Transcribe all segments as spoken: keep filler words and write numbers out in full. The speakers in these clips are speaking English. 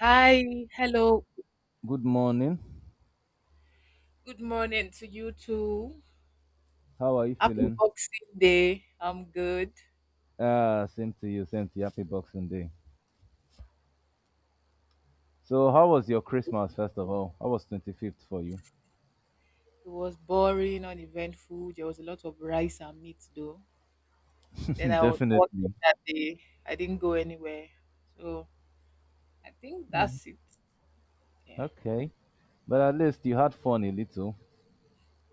Hi, hello, Good morning. good morning to you too. How are you Happy feeling? Boxing Day. I'm good. Ah, same to you. Same to you. Happy Boxing Day. So, how was your Christmas, first of all? How was twenty-fifth for you? It was boring, uneventful. There was a lot of rice and meat though. Then I was working Definitely. that day. I didn't go anywhere. So I think Mm, that's it. Yeah. okay. But at least you had fun a little.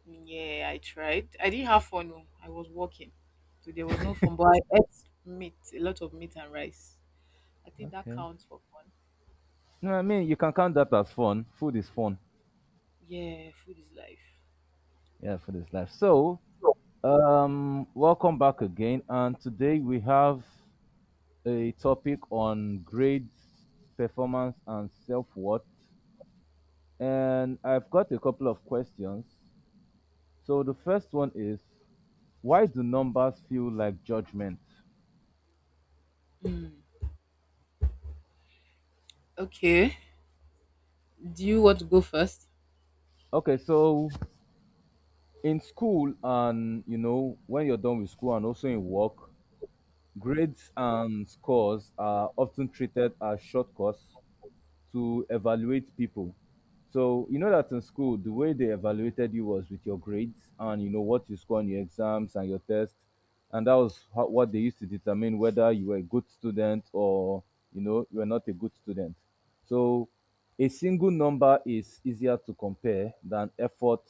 Yeah, I tried. I didn't have fun. Oh, I was working. So there was no fun, but I ate meat, a lot of meat and rice. I think that Okay. counts for fun. No, I mean, you can count that as fun. Food is fun. Yeah, food is life. Yeah, food is life. So, um, welcome back again. And today we have a topic on grades, performance, and self worth. And I've got a couple of questions. So the first one is, why do numbers feel like judgment? Mm. Okay. Do you want to go first? Okay, so in school, and you know, when you're done with school and also in work, grades and scores are often treated as shortcuts to evaluate people. So you know that in school, the way they evaluated you was with your grades and you know what you score on your exams and your tests, and that was ho- what they used to determine whether you were a good student or, you know, you were not a good student. So a single number is easier to compare than effort,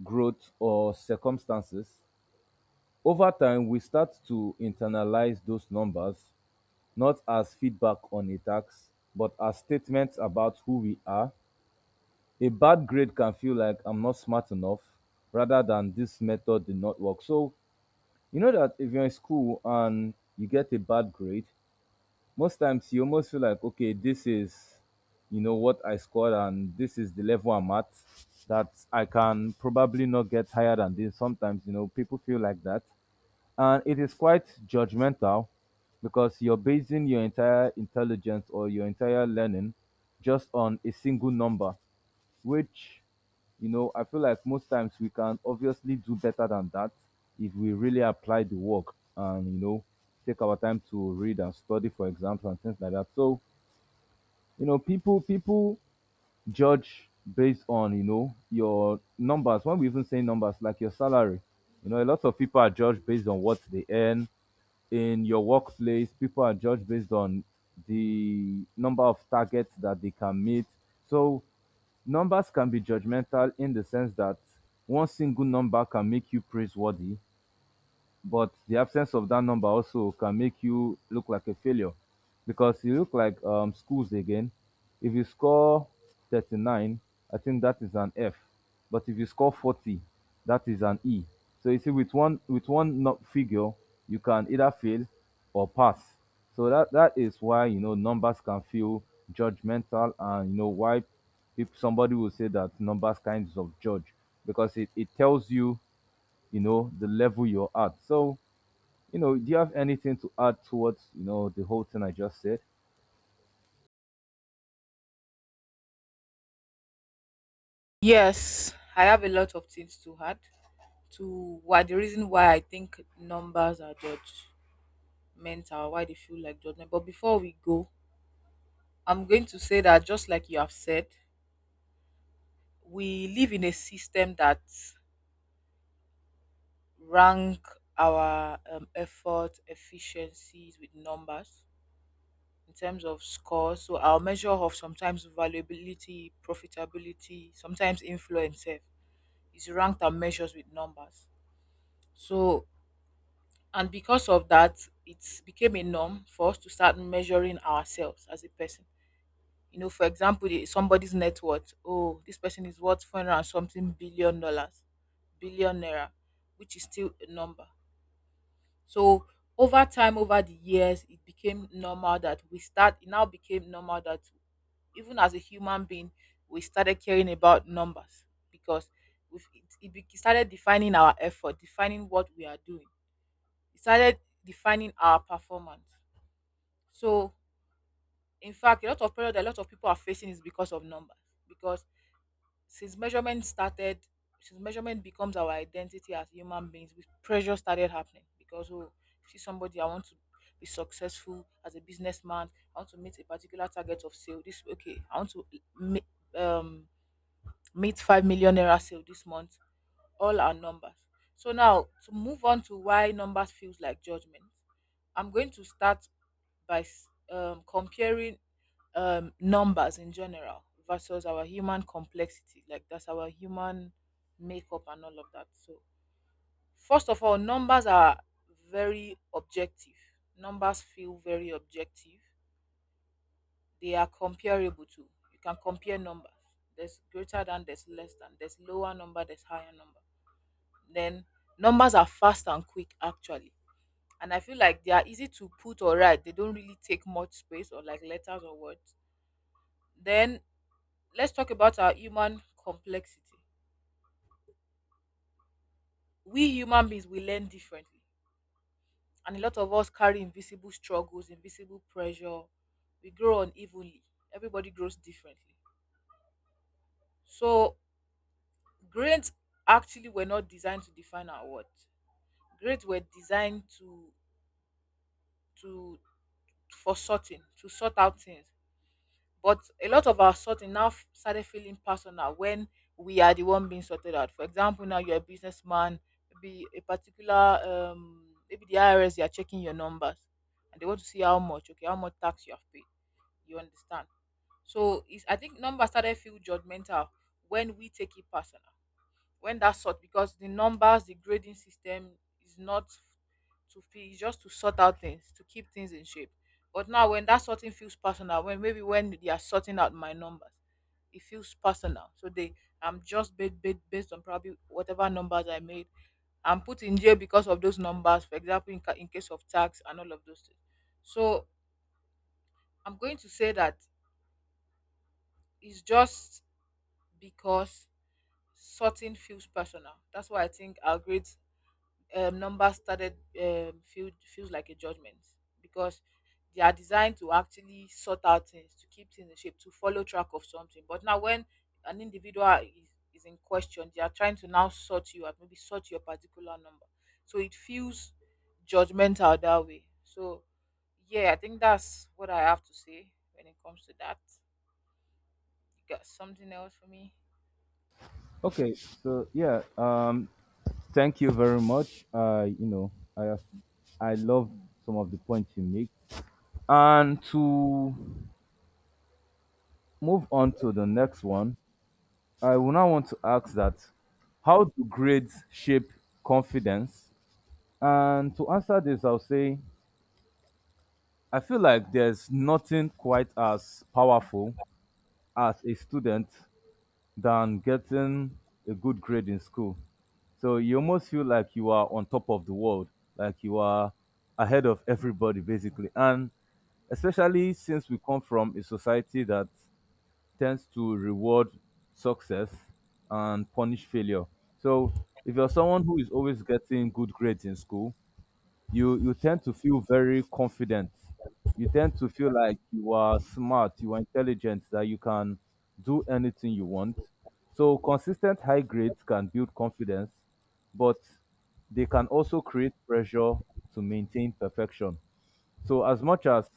growth, or circumstances. Over time, we start to internalize those numbers not as feedback on a tax, but as statements about who we are. A bad grade can feel like I'm not smart enough rather than this method did not work. So, you know that if you're in school and you get a bad grade, most times you almost feel like, okay, this is, you know, what I scored and this is the level I'm at, that I can probably not get higher than this. Sometimes, you know, people feel like that, and it is quite judgmental because you're basing your entire intelligence or your entire learning just on a single number which, you know, I feel like most times we can obviously do better than that if we really apply the work and, you know, take our time to read and study for exams and things like that. So, you know, people people judge based on, you know, your numbers. When we even say numbers like your salary, you know, a lot of people are judged based on what they earn. In your workplace, people are judged based on the number of targets that they can meet. So numbers can be judgmental in the sense that one single number can make you praiseworthy, but the absence of that number also can make you look like a failure because you look like, um, schools again. If you score thirty-nine, I think that is an F. But if you score forty, that is an E. So you see, with one with one no- figure, you can either fail or pass. So that that is why, you know, numbers can feel judgmental, and you know why if somebody will say that numbers kinds of judge, because it, it tells you, you know, the level you're at. So, you know, do you have anything to add towards, you know, the whole thing I just said? Yes, I have a lot of things to add to why the reason why I think numbers are judgmental, why they feel like judgment. But before we go, I'm going to say that just like you have said, we live in a system that rank our um, effort efficiencies with numbers in terms of scores. So our measure of sometimes valuability, profitability, sometimes influence sef, is ranked and measures with numbers. So And because of that, it became a norm for us to start measuring ourselves as a person. You know, for example, the- somebody's net worth. Oh, this person is worth four hundred and something billion dollars, billion naira, which is still a number. So over time, over the years, it became normal that we start, it now became normal that even as a human being, we started caring about numbers because we've, it, it be- started defining our effort, defining what we are doing. It started defining our performance. So, in fact, a lot of pressure that a lot of people are facing is because of numbers. Because since measurement started, since measurement becomes our identity as human beings, with pressure started happening. Because oh, see somebody, I want to be successful as a businessman. I want to meet a particular target of sale. This okay, I want to me- um, meet five million naira sale this month. All our numbers. So now to move on to why numbers feels like judgment, I'm going to start by s- um, comparing um, numbers in general versus our human complexity, like that's our human makeup and all of that. So first of all, numbers are very objective. Numbers feel very objective. They are comparable to. You can compare numbers. There's greater than, there's less than, there's lower number, there's higher number, then numbers are fast and quick actually. And I feel like they are easy to put or write. They don't really take much space or like letters or words. Then let's talk about our human complexity. We human beings we learn differently. And a lot of us carry invisible struggles, invisible pressure. We grow unevenly. Everybody grows differently. So grades actually were not designed to define our worth. Grades were designed to to for sorting, to sort out things. But a lot of our sorting now f- started feeling personal when we are the one being sorted out. For example, now you're a businessman, maybe a particular, um, maybe the I R S, they are checking your numbers and they want to see how much, okay, how much tax you have paid. You understand? So it's, I think numbers started feel judgmental when we take it personal when that sort, because the numbers the grading system is not to feel, it's just to sort out things, to keep things in shape. But now when that sorting feels personal, when maybe when they are sorting out my numbers, it feels personal. So they, I'm just based, based, based on probably whatever numbers I made, I'm put in jail because of those numbers, for example, in, ca- in case of tax and all of those things. So I'm going to say that it's just because sorting feels personal, that's why I think our grades, um, numbers started um, feel, feels like a judgment because they are designed to actually sort out things, to keep things in shape, to follow track of something. But now, when an individual is, is in question, they are trying to now sort you out, maybe sort your particular number. So it feels judgmental that way. So, yeah, I think that's what I have to say when it comes to that. You got something else for me? Okay, so yeah, um, thank you very much. Uh, you know, I have, I love some of the points you make. And to move on to the next one, I will now want to ask that, how do grades shape confidence? And to answer this, I'll say I feel like there's nothing quite as powerful as a student than getting a good grade in school. So you almost feel like you are on top of the world, like you are ahead of everybody, basically. And especially since we come from a society that tends to reward success and punish failure. So if you're someone who is always getting good grades in school, you you tend to feel very confident. You tend to feel like you are smart, you are intelligent, that you can do anything you want. So consistent high grades can build confidence, but they can also create pressure to maintain perfection. So as much as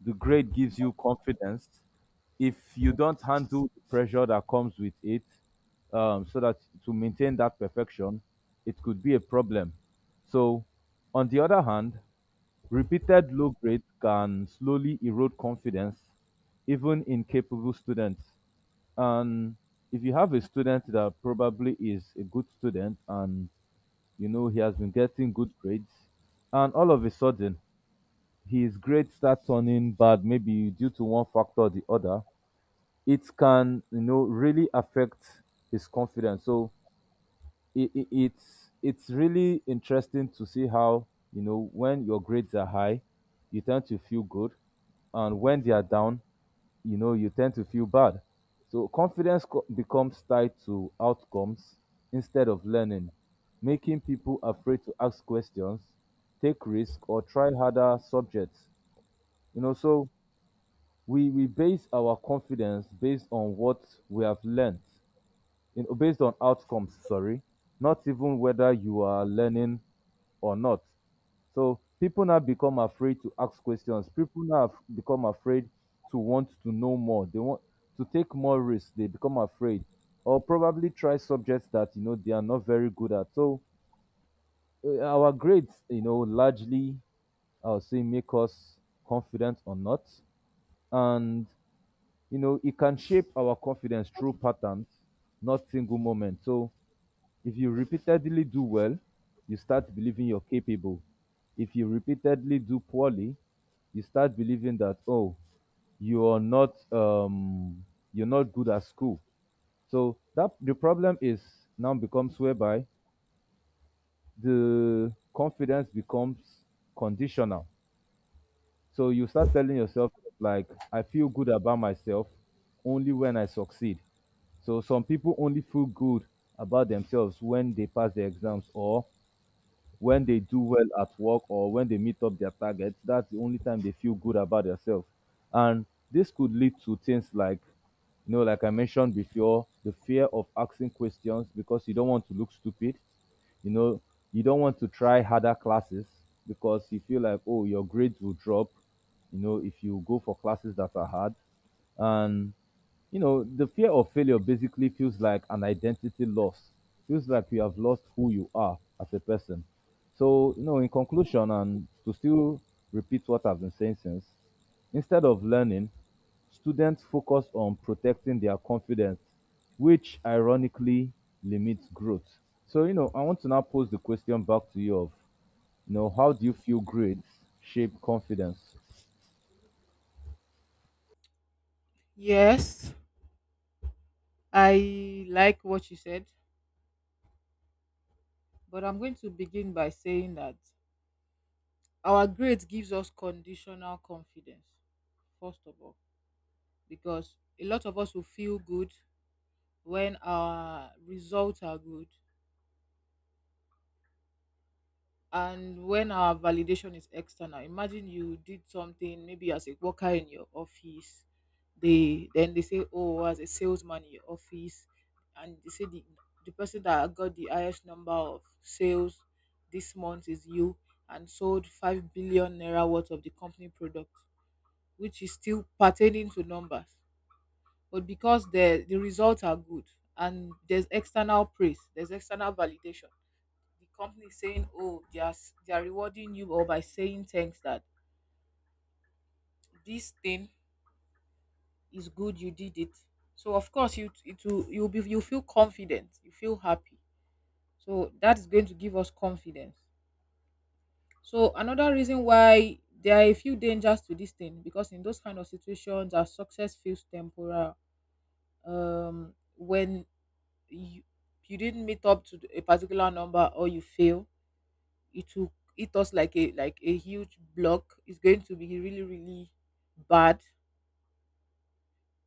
the grade gives you confidence, if you don't handle the pressure that comes with it, um, so that to maintain that perfection, it could be a problem. So, on the other hand, repeated low grades can slowly erode confidence, even in capable students. And if you have a student that probably is a good student and, you know, he has been getting good grades, and all of a sudden his grades start turning bad, maybe due to one factor or the other, it can, you know, really affect his confidence. So it, it, it's it's really interesting to see how, you know, when your grades are high, you tend to feel good, and when they are down, you know, you tend to feel bad. So confidence co- becomes tied to outcomes instead of learning, making people afraid to ask questions, take risk, or try harder subjects. You know, so we we base our confidence based on what we have learned in based on outcomes, sorry, not even whether you are learning or not. So people now become afraid to ask questions, people now have become afraid to want to know more, they want to take more risks, they become afraid, or probably try subjects that, you know, they are not very good at. So uh, our grades, you know, largely, I would say, make us confident or not. And, you know, it can shape our confidence through patterns, not single moments. So if you repeatedly do well, you start believing you're capable. If you repeatedly do poorly, you start believing that, oh, you are not, um you're not good at school. So that the problem is now becomes whereby the confidence becomes conditional. So you start telling yourself, like, I feel good about myself only when I succeed. So some people only feel good about themselves when they pass their exams or when they do well at work or when they meet up their targets, that's the only time they feel good about themselves. And this could lead to things like, you know, like I mentioned before, the fear of asking questions because you don't want to look stupid. You know, you don't want to try harder classes because you feel like, oh, your grades will drop, you know, if you go for classes that are hard. And, you know, the fear of failure basically feels like an identity loss. Feels like you have lost who you are as a person. So, you know, in conclusion, and to still repeat what I've been saying since, instead of learning, students focus on protecting their confidence, which ironically limits growth. So, you know, I want to now pose the question back to you of, you know, how do you feel grades shape confidence? Yes, I like what you said, but I'm going to begin by saying that our grades gives us conditional confidence, first of all, because a lot of us will feel good when our results are good and when our validation is external. Imagine you did something, maybe as a worker in your office, they then they say, oh, as a salesman in your office, and they say the, the person that got the highest number of sales this month is you and sold five billion naira worth of the company product, which is still pertaining to numbers. But because the the results are good and there's external praise, there's external validation. The company is saying, "Oh, they are s- they are rewarding you," or by saying thanks that this thing is good, you did it. So of course you it will you'll be you feel confident, you feel happy. So that is going to give us confidence. So another reason why there are a few dangers to this thing, because in those kind of situations, our success feels temporal. Um, when you, you didn't meet up to a particular number or you fail, it will hit us like a like a huge block. It's going to be really really bad,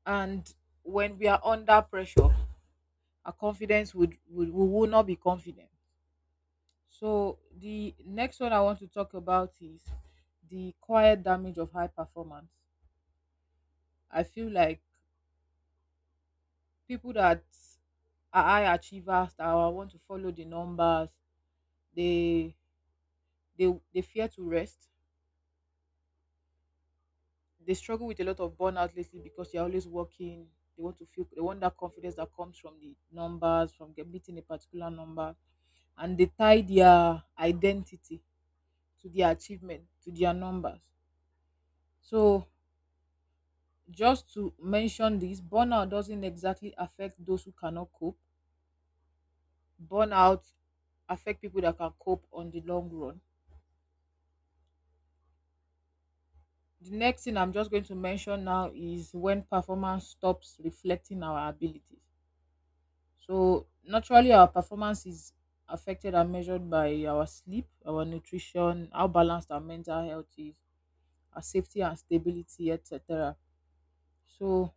and when we are under pressure, our confidence would, would we will not be confident. So the next one I want to talk about is the quiet damage of high performance. I feel like people that are high achievers that want to follow the numbers, they they they fear to rest. They struggle with a lot of burnout lately because they're always working. They want to feel, they want that confidence that comes from the numbers, from get- meeting a particular number, and they tie their identity to their achievement, to their numbers. So just to mention this, burnout doesn't exactly affect those who cannot cope. Burnout affect people that can cope on the long run. The next thing I'm just going to mention now is when performance stops reflecting our abilities. So naturally, our performance is affected and measured by our sleep, our nutrition, how balanced our mental health is, our safety and stability, et cetera. So,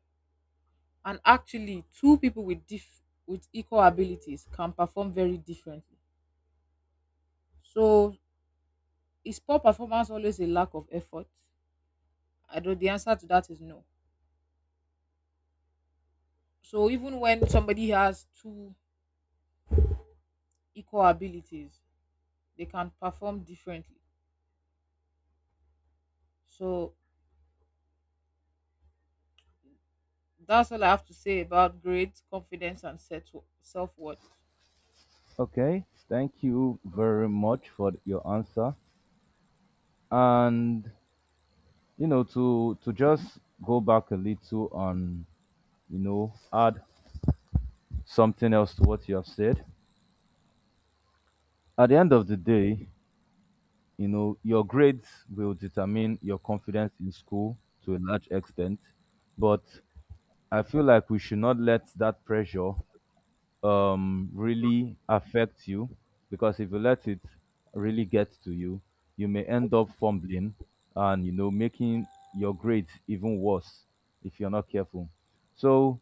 and actually, two people with diff- with equal abilities can perform very differently. So, is poor performance always a lack of effort? I don't. The answer to that is no. So even when somebody has two equal abilities, they can perform differently. So that's all I have to say about grades, confidence, and self worth. Okay, thank you very much for your answer. And, you know, to to just go back a little and, you know, add something else to what you have said. At the end of the day, you know, your grades will determine your confidence in school to a large extent, but I feel like we should not let that pressure, um really affect you, because if you let it really get to you, you may end up fumbling and, you know, making your grades even worse if you're not careful. So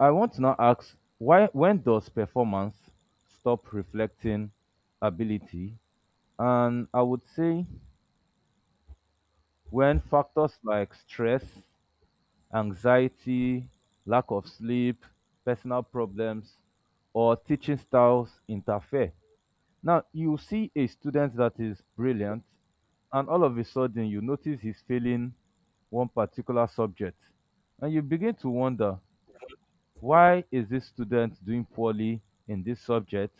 I want to now ask, why when does performance stop reflecting ability? And I would say when factors like stress, anxiety, lack of sleep, personal problems, or teaching styles interfere. Now, you see a student that is brilliant, and all of a sudden you notice he's failing one particular subject, and you begin to wonder, why is this student doing poorly in this subject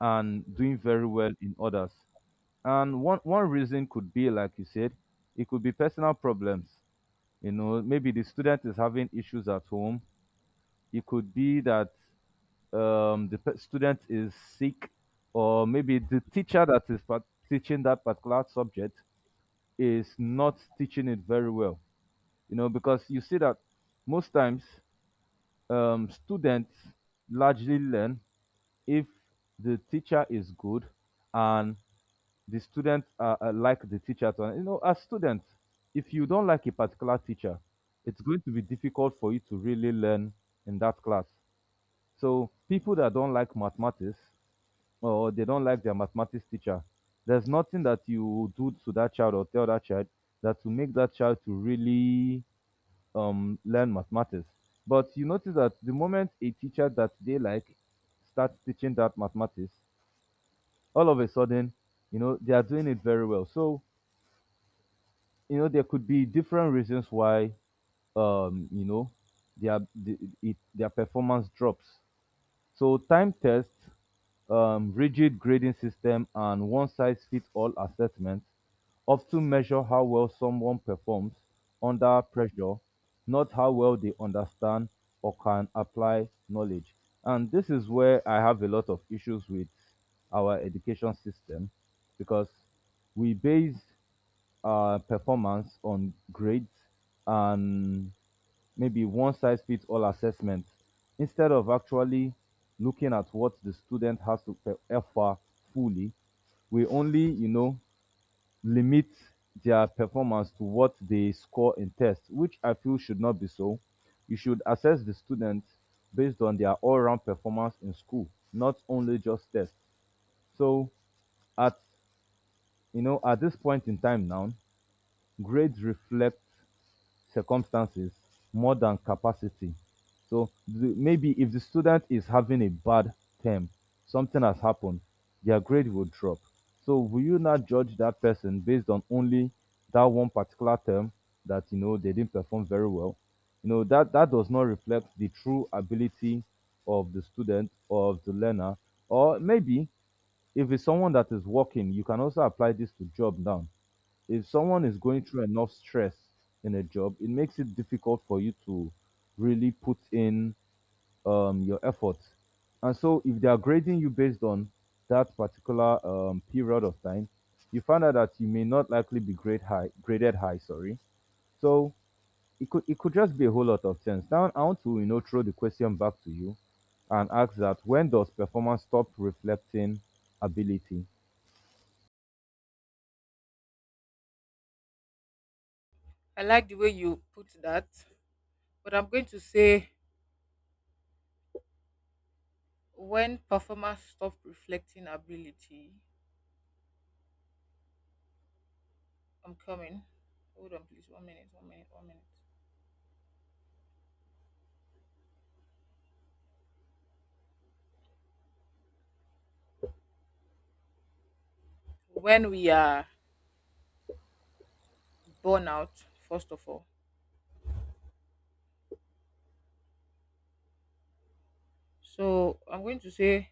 and doing very well in others? And one, one reason could be, like you said, it could be personal problems. You know, maybe the student is having issues at home. It could be that, um, the pe- student is sick, or maybe the teacher that is part- teaching that particular subject is not teaching it very well. You know, because you see that most times, um, students largely learn if the teacher is good and the students are, are like the teacher. To, you know, as students, if you don't like a particular teacher, it's going to be difficult for you to really learn in that class. So people that don't like mathematics or they don't like their mathematics teacher, there's nothing that you do to that child or tell that child that will make that child to really, um, learn mathematics. But you notice that the moment a teacher that they like starts teaching that mathematics, all of a sudden, you know, they are doing it very well. So, you know, there could be different reasons why, um, you know, their, the, it, their performance drops. So time tests, um, rigid grading system, and one-size-fits-all assessments often measure how well someone performs under pressure, not how well they understand or can apply knowledge. And this is where I have a lot of issues with our education system because we base uh, performance on grades and maybe one size fits all assessment instead of actually looking at what the student has to pe- offer fully. We only you know limit their performance to what they score in tests, which I feel should not be so. You should assess the students based on their all-round performance in school, not only just tests. So, at you know at this point in time now, grades reflect circumstances more than capacity. So the, maybe if the student is having a bad term, something has happened, their grade will drop. So will you not judge that person based on only that one particular term that you know they didn't perform very well? You know that that does not reflect the true ability of the student or of the learner. Or maybe if it's someone that is working, you can also apply this to job now. If someone is going through enough stress in a job, it makes it difficult for you to really put in um, your effort. And so, if they are grading you based on that particular um, period of time, you find out that you may not likely be grade high, graded high. Sorry. So it could it could just be a whole lot of things. Now, I want to you know throw the question back to you and ask that, when does performance stop reflecting ability? I like the way you put that, but I'm going to say when performance stop reflecting ability, I'm coming. Hold on, please. One minute, one minute, one minute. When we are burn out, first of all. So I'm going to say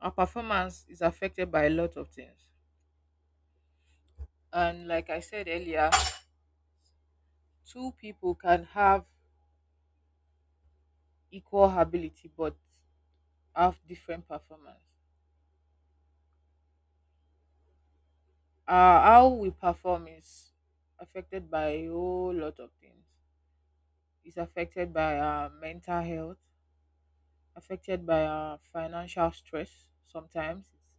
our performance is affected by a lot of things. And like I said earlier, two people can have equal ability but have different performance. uh, how we perform is affected by a whole lot of things. It's affected by our mental health, affected by our financial stress. Sometimes it's,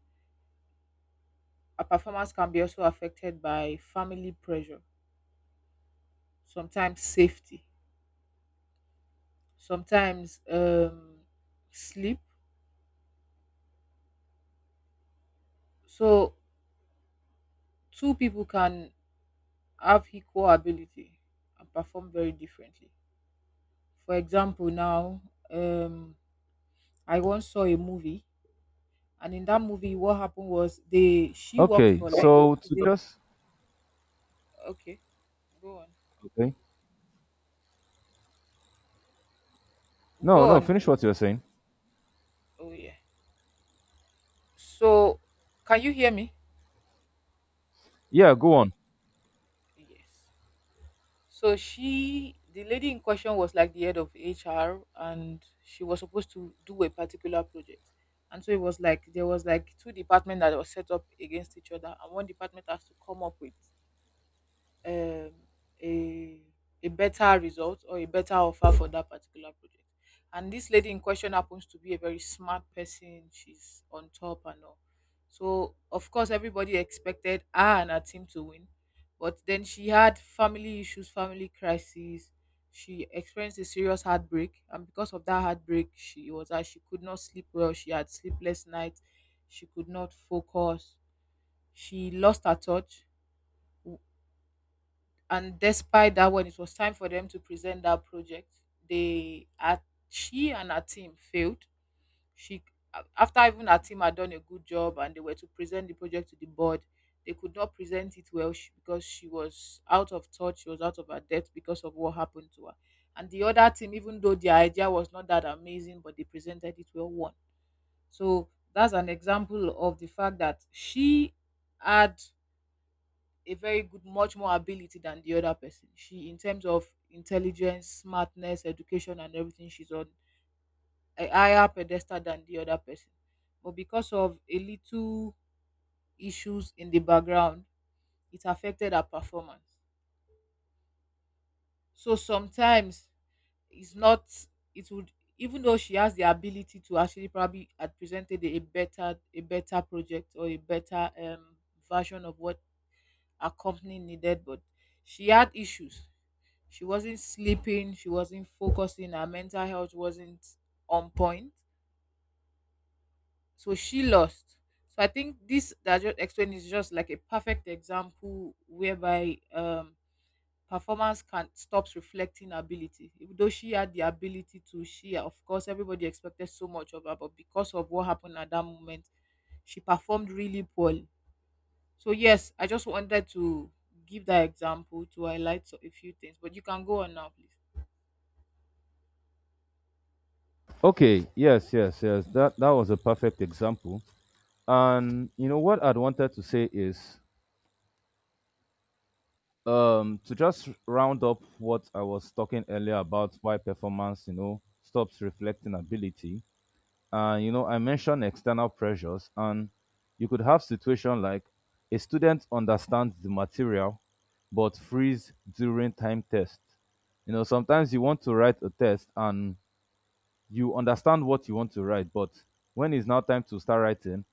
our performance can be also affected by family pressure, sometimes safety, sometimes um, sleep. So two people can have equal ability and perform very differently. For example, now um, I once saw a movie. And in that movie, what happened was they she worked Okay, for like so to just okay, go on, okay, no, go no, on, finish go. what you're saying. Oh yeah. So can you hear me? Yeah, go on. Yes. So she, the lady in question, was like the head of H R, and she was supposed to do a particular project. And so it was like there was like two departments that were set up against each other, and one department has to come up with um, a a better result or a better offer for that particular project. And this lady in question happens to be a very smart person. She's on top and all. So of course everybody expected her and her team to win, but then she had family issues, family crises. She experienced a serious heartbreak, and because of that heartbreak, she was as she could not sleep well. She had sleepless nights. She could not focus. She lost her touch, and despite that, when it was time for them to present that project, they at she and her team failed. she a- After even her team had done a good job and they were to present the project to the board, they could not present it well, sh- because she was out of touch, she was out of her depth because of what happened to her. And the other team, even though their idea was not that amazing, but they presented it well, one so that's an example of the fact that she had a very good much more ability than the other person. She In terms of intelligence, smartness, education, and everything, she's on a higher pedestal than the other person, but because of a little issues in the background, it affected her performance. So sometimes it's not it would even though she has the ability to actually probably had presented a better a better project or a better um version of what her company needed, but she had issues. She wasn't sleeping, she wasn't focusing, her mental health wasn't on point. So she lost. So I think this that I just explained is just like a perfect example whereby um performance can stops reflecting ability. Even though she had the ability to, she of course everybody expected so much of her, but because of what happened at that moment, she performed really poorly. So yes, I just wanted to give that example to highlight so- a few things. But you can go on now, please. Okay, yes, yes, yes. That that was a perfect example. And you know what I'd wanted to say is um to just round up what I was talking earlier about why performance, you know, stops reflecting ability. And you know, I mentioned external pressures, and you could have situation like a student understands the material but freeze during time test. You know, sometimes you want to write a test and you understand what you want to write, but when it's now time to start writing,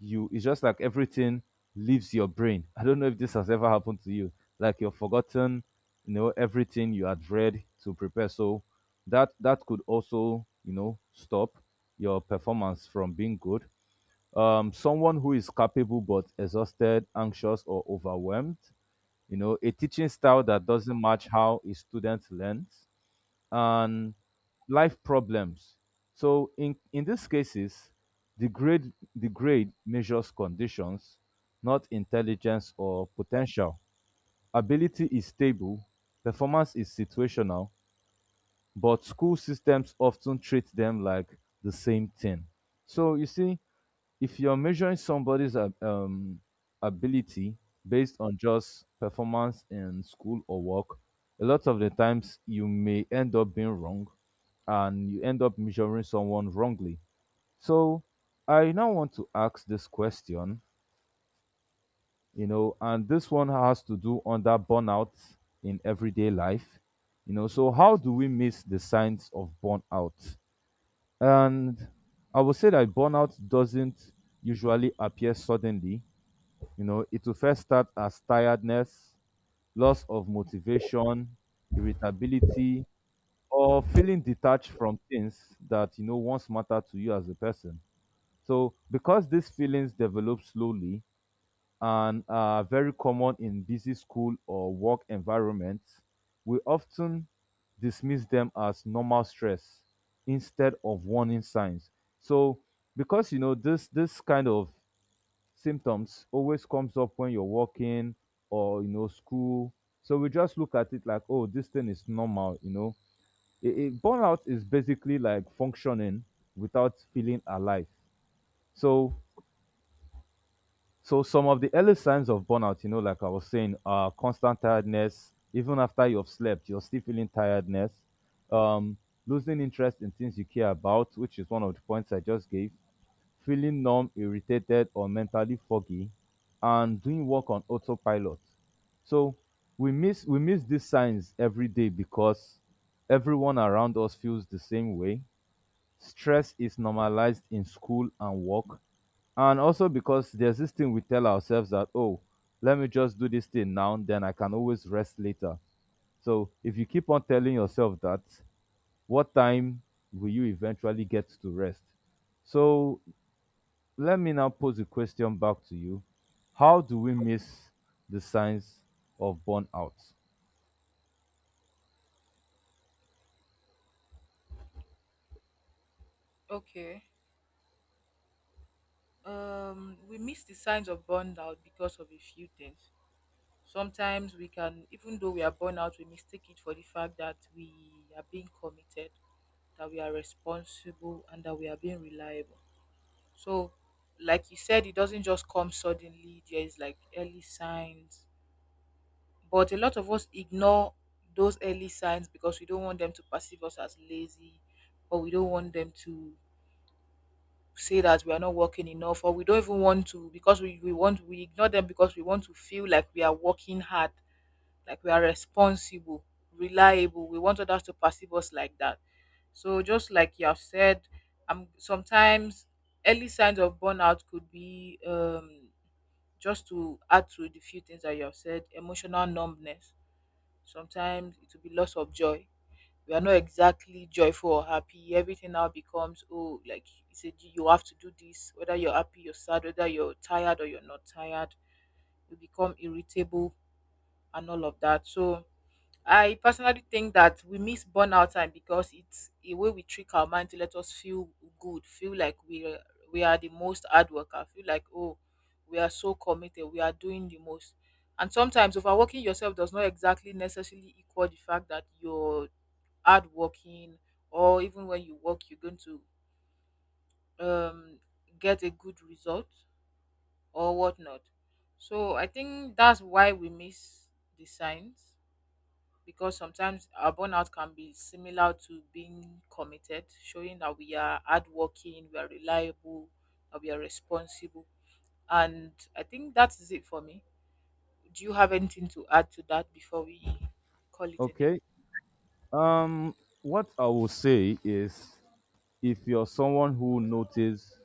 you it's just like everything leaves your brain. I don't know if this has ever happened to you, like you've forgotten, you know, everything you had read to prepare. So that that could also, you know, stop your performance from being good. Um someone who is capable but exhausted, anxious, or overwhelmed, you know, a teaching style that doesn't match how a student learns, and life problems. So, in, in these cases, the grade, the grade measures conditions, not intelligence or potential. Ability is stable, performance is situational, but school systems often treat them like the same thing. So you see, if you're measuring somebody's ab- um, ability based on just performance in school or work, a lot of the times you may end up being wrong and you end up measuring someone wrongly. So I now want to ask this question, you know, and this one has to do under burnout in everyday life. You know, so how do we miss the signs of burnout? And I would say that burnout doesn't usually appear suddenly. You know, it will first start as tiredness, loss of motivation, irritability, or feeling detached from things that, you know, once matter to you as a person. So, because these feelings develop slowly and are very common in busy school or work environments, we often dismiss them as normal stress instead of warning signs. So, because you know this this kind of symptoms always comes up when you're working or you know school. So we just look at it like, oh, this thing is normal, you know. It, it, burnout is basically like functioning without feeling alive. So So some of the early signs of burnout, you know, like I was saying, are constant tiredness. Even after you have slept, you're still feeling tiredness. Um, Losing interest in things you care about, which is one of the points I just gave. Feeling numb, irritated, or mentally foggy, and doing work on autopilot. So we miss we miss these signs every day because everyone around us feels the same way, stress is normalized in school and work. And also because there's this thing we tell ourselves that, oh, let me just do this thing now, then I can always rest later. So if you keep on telling yourself that, what time will you eventually get to rest? So let me now pose a question back to you: how do we miss the signs of burnout? Okay. Um we miss the signs of burnout because of a few things. Sometimes we can, even though we are burned out, we mistake it for the fact that we are being committed, that we are responsible, and that we are being reliable. So like you said, it doesn't just come suddenly, there is like early signs, but a lot of us ignore those early signs because we don't want them to perceive us as lazy, or we don't want them to say that we are not working enough, or we don't even want to because we, we want we ignore them because we want to feel like we are working hard, like we are responsible, reliable, we want others to perceive us like that. So just like you have said, um sometimes early signs of burnout could be um just to add to the few things that you have said, emotional numbness. Sometimes it will be loss of joy. We are not exactly joyful or happy. Everything now becomes, oh, like you said, you have to do this, whether you're happy, you're sad, whether you're tired or you're not tired. You become irritable and all of that. So I personally think that we miss burnout time because it's a way we trick our mind to let us feel good, feel like we are, we are the most hard worker, feel like, oh, we are so committed, we are doing the most. And sometimes overworking yourself does not exactly necessarily equal the fact that you're hard working, or even when you work you're going to um get a good result or whatnot. So I think that's why we miss the signs, because sometimes our burnout can be similar to being committed, showing that we are hardworking, we are reliable, that we are responsible. And I think that is it for me. Do you have anything to add to that before we call it a day? Okay. um what I will say is, if you're someone who notice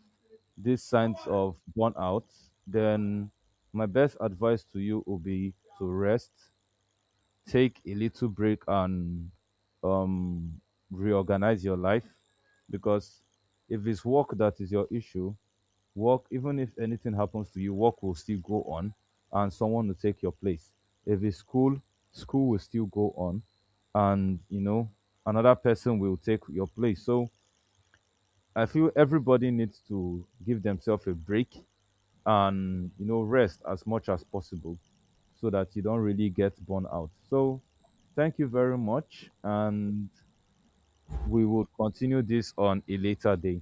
these signs of burnout, then my best advice to you would be to rest, take a little break, and um, reorganize your life. Because if it's work that is your issue, work, even if anything happens to you, work will still go on and someone will take your place. If it's school, school will still go on and, you know, another person will take your place. So I feel everybody needs to give themselves a break and you know rest as much as possible so that you don't really get burnt out. So thank you very much, and we will continue this on a later day.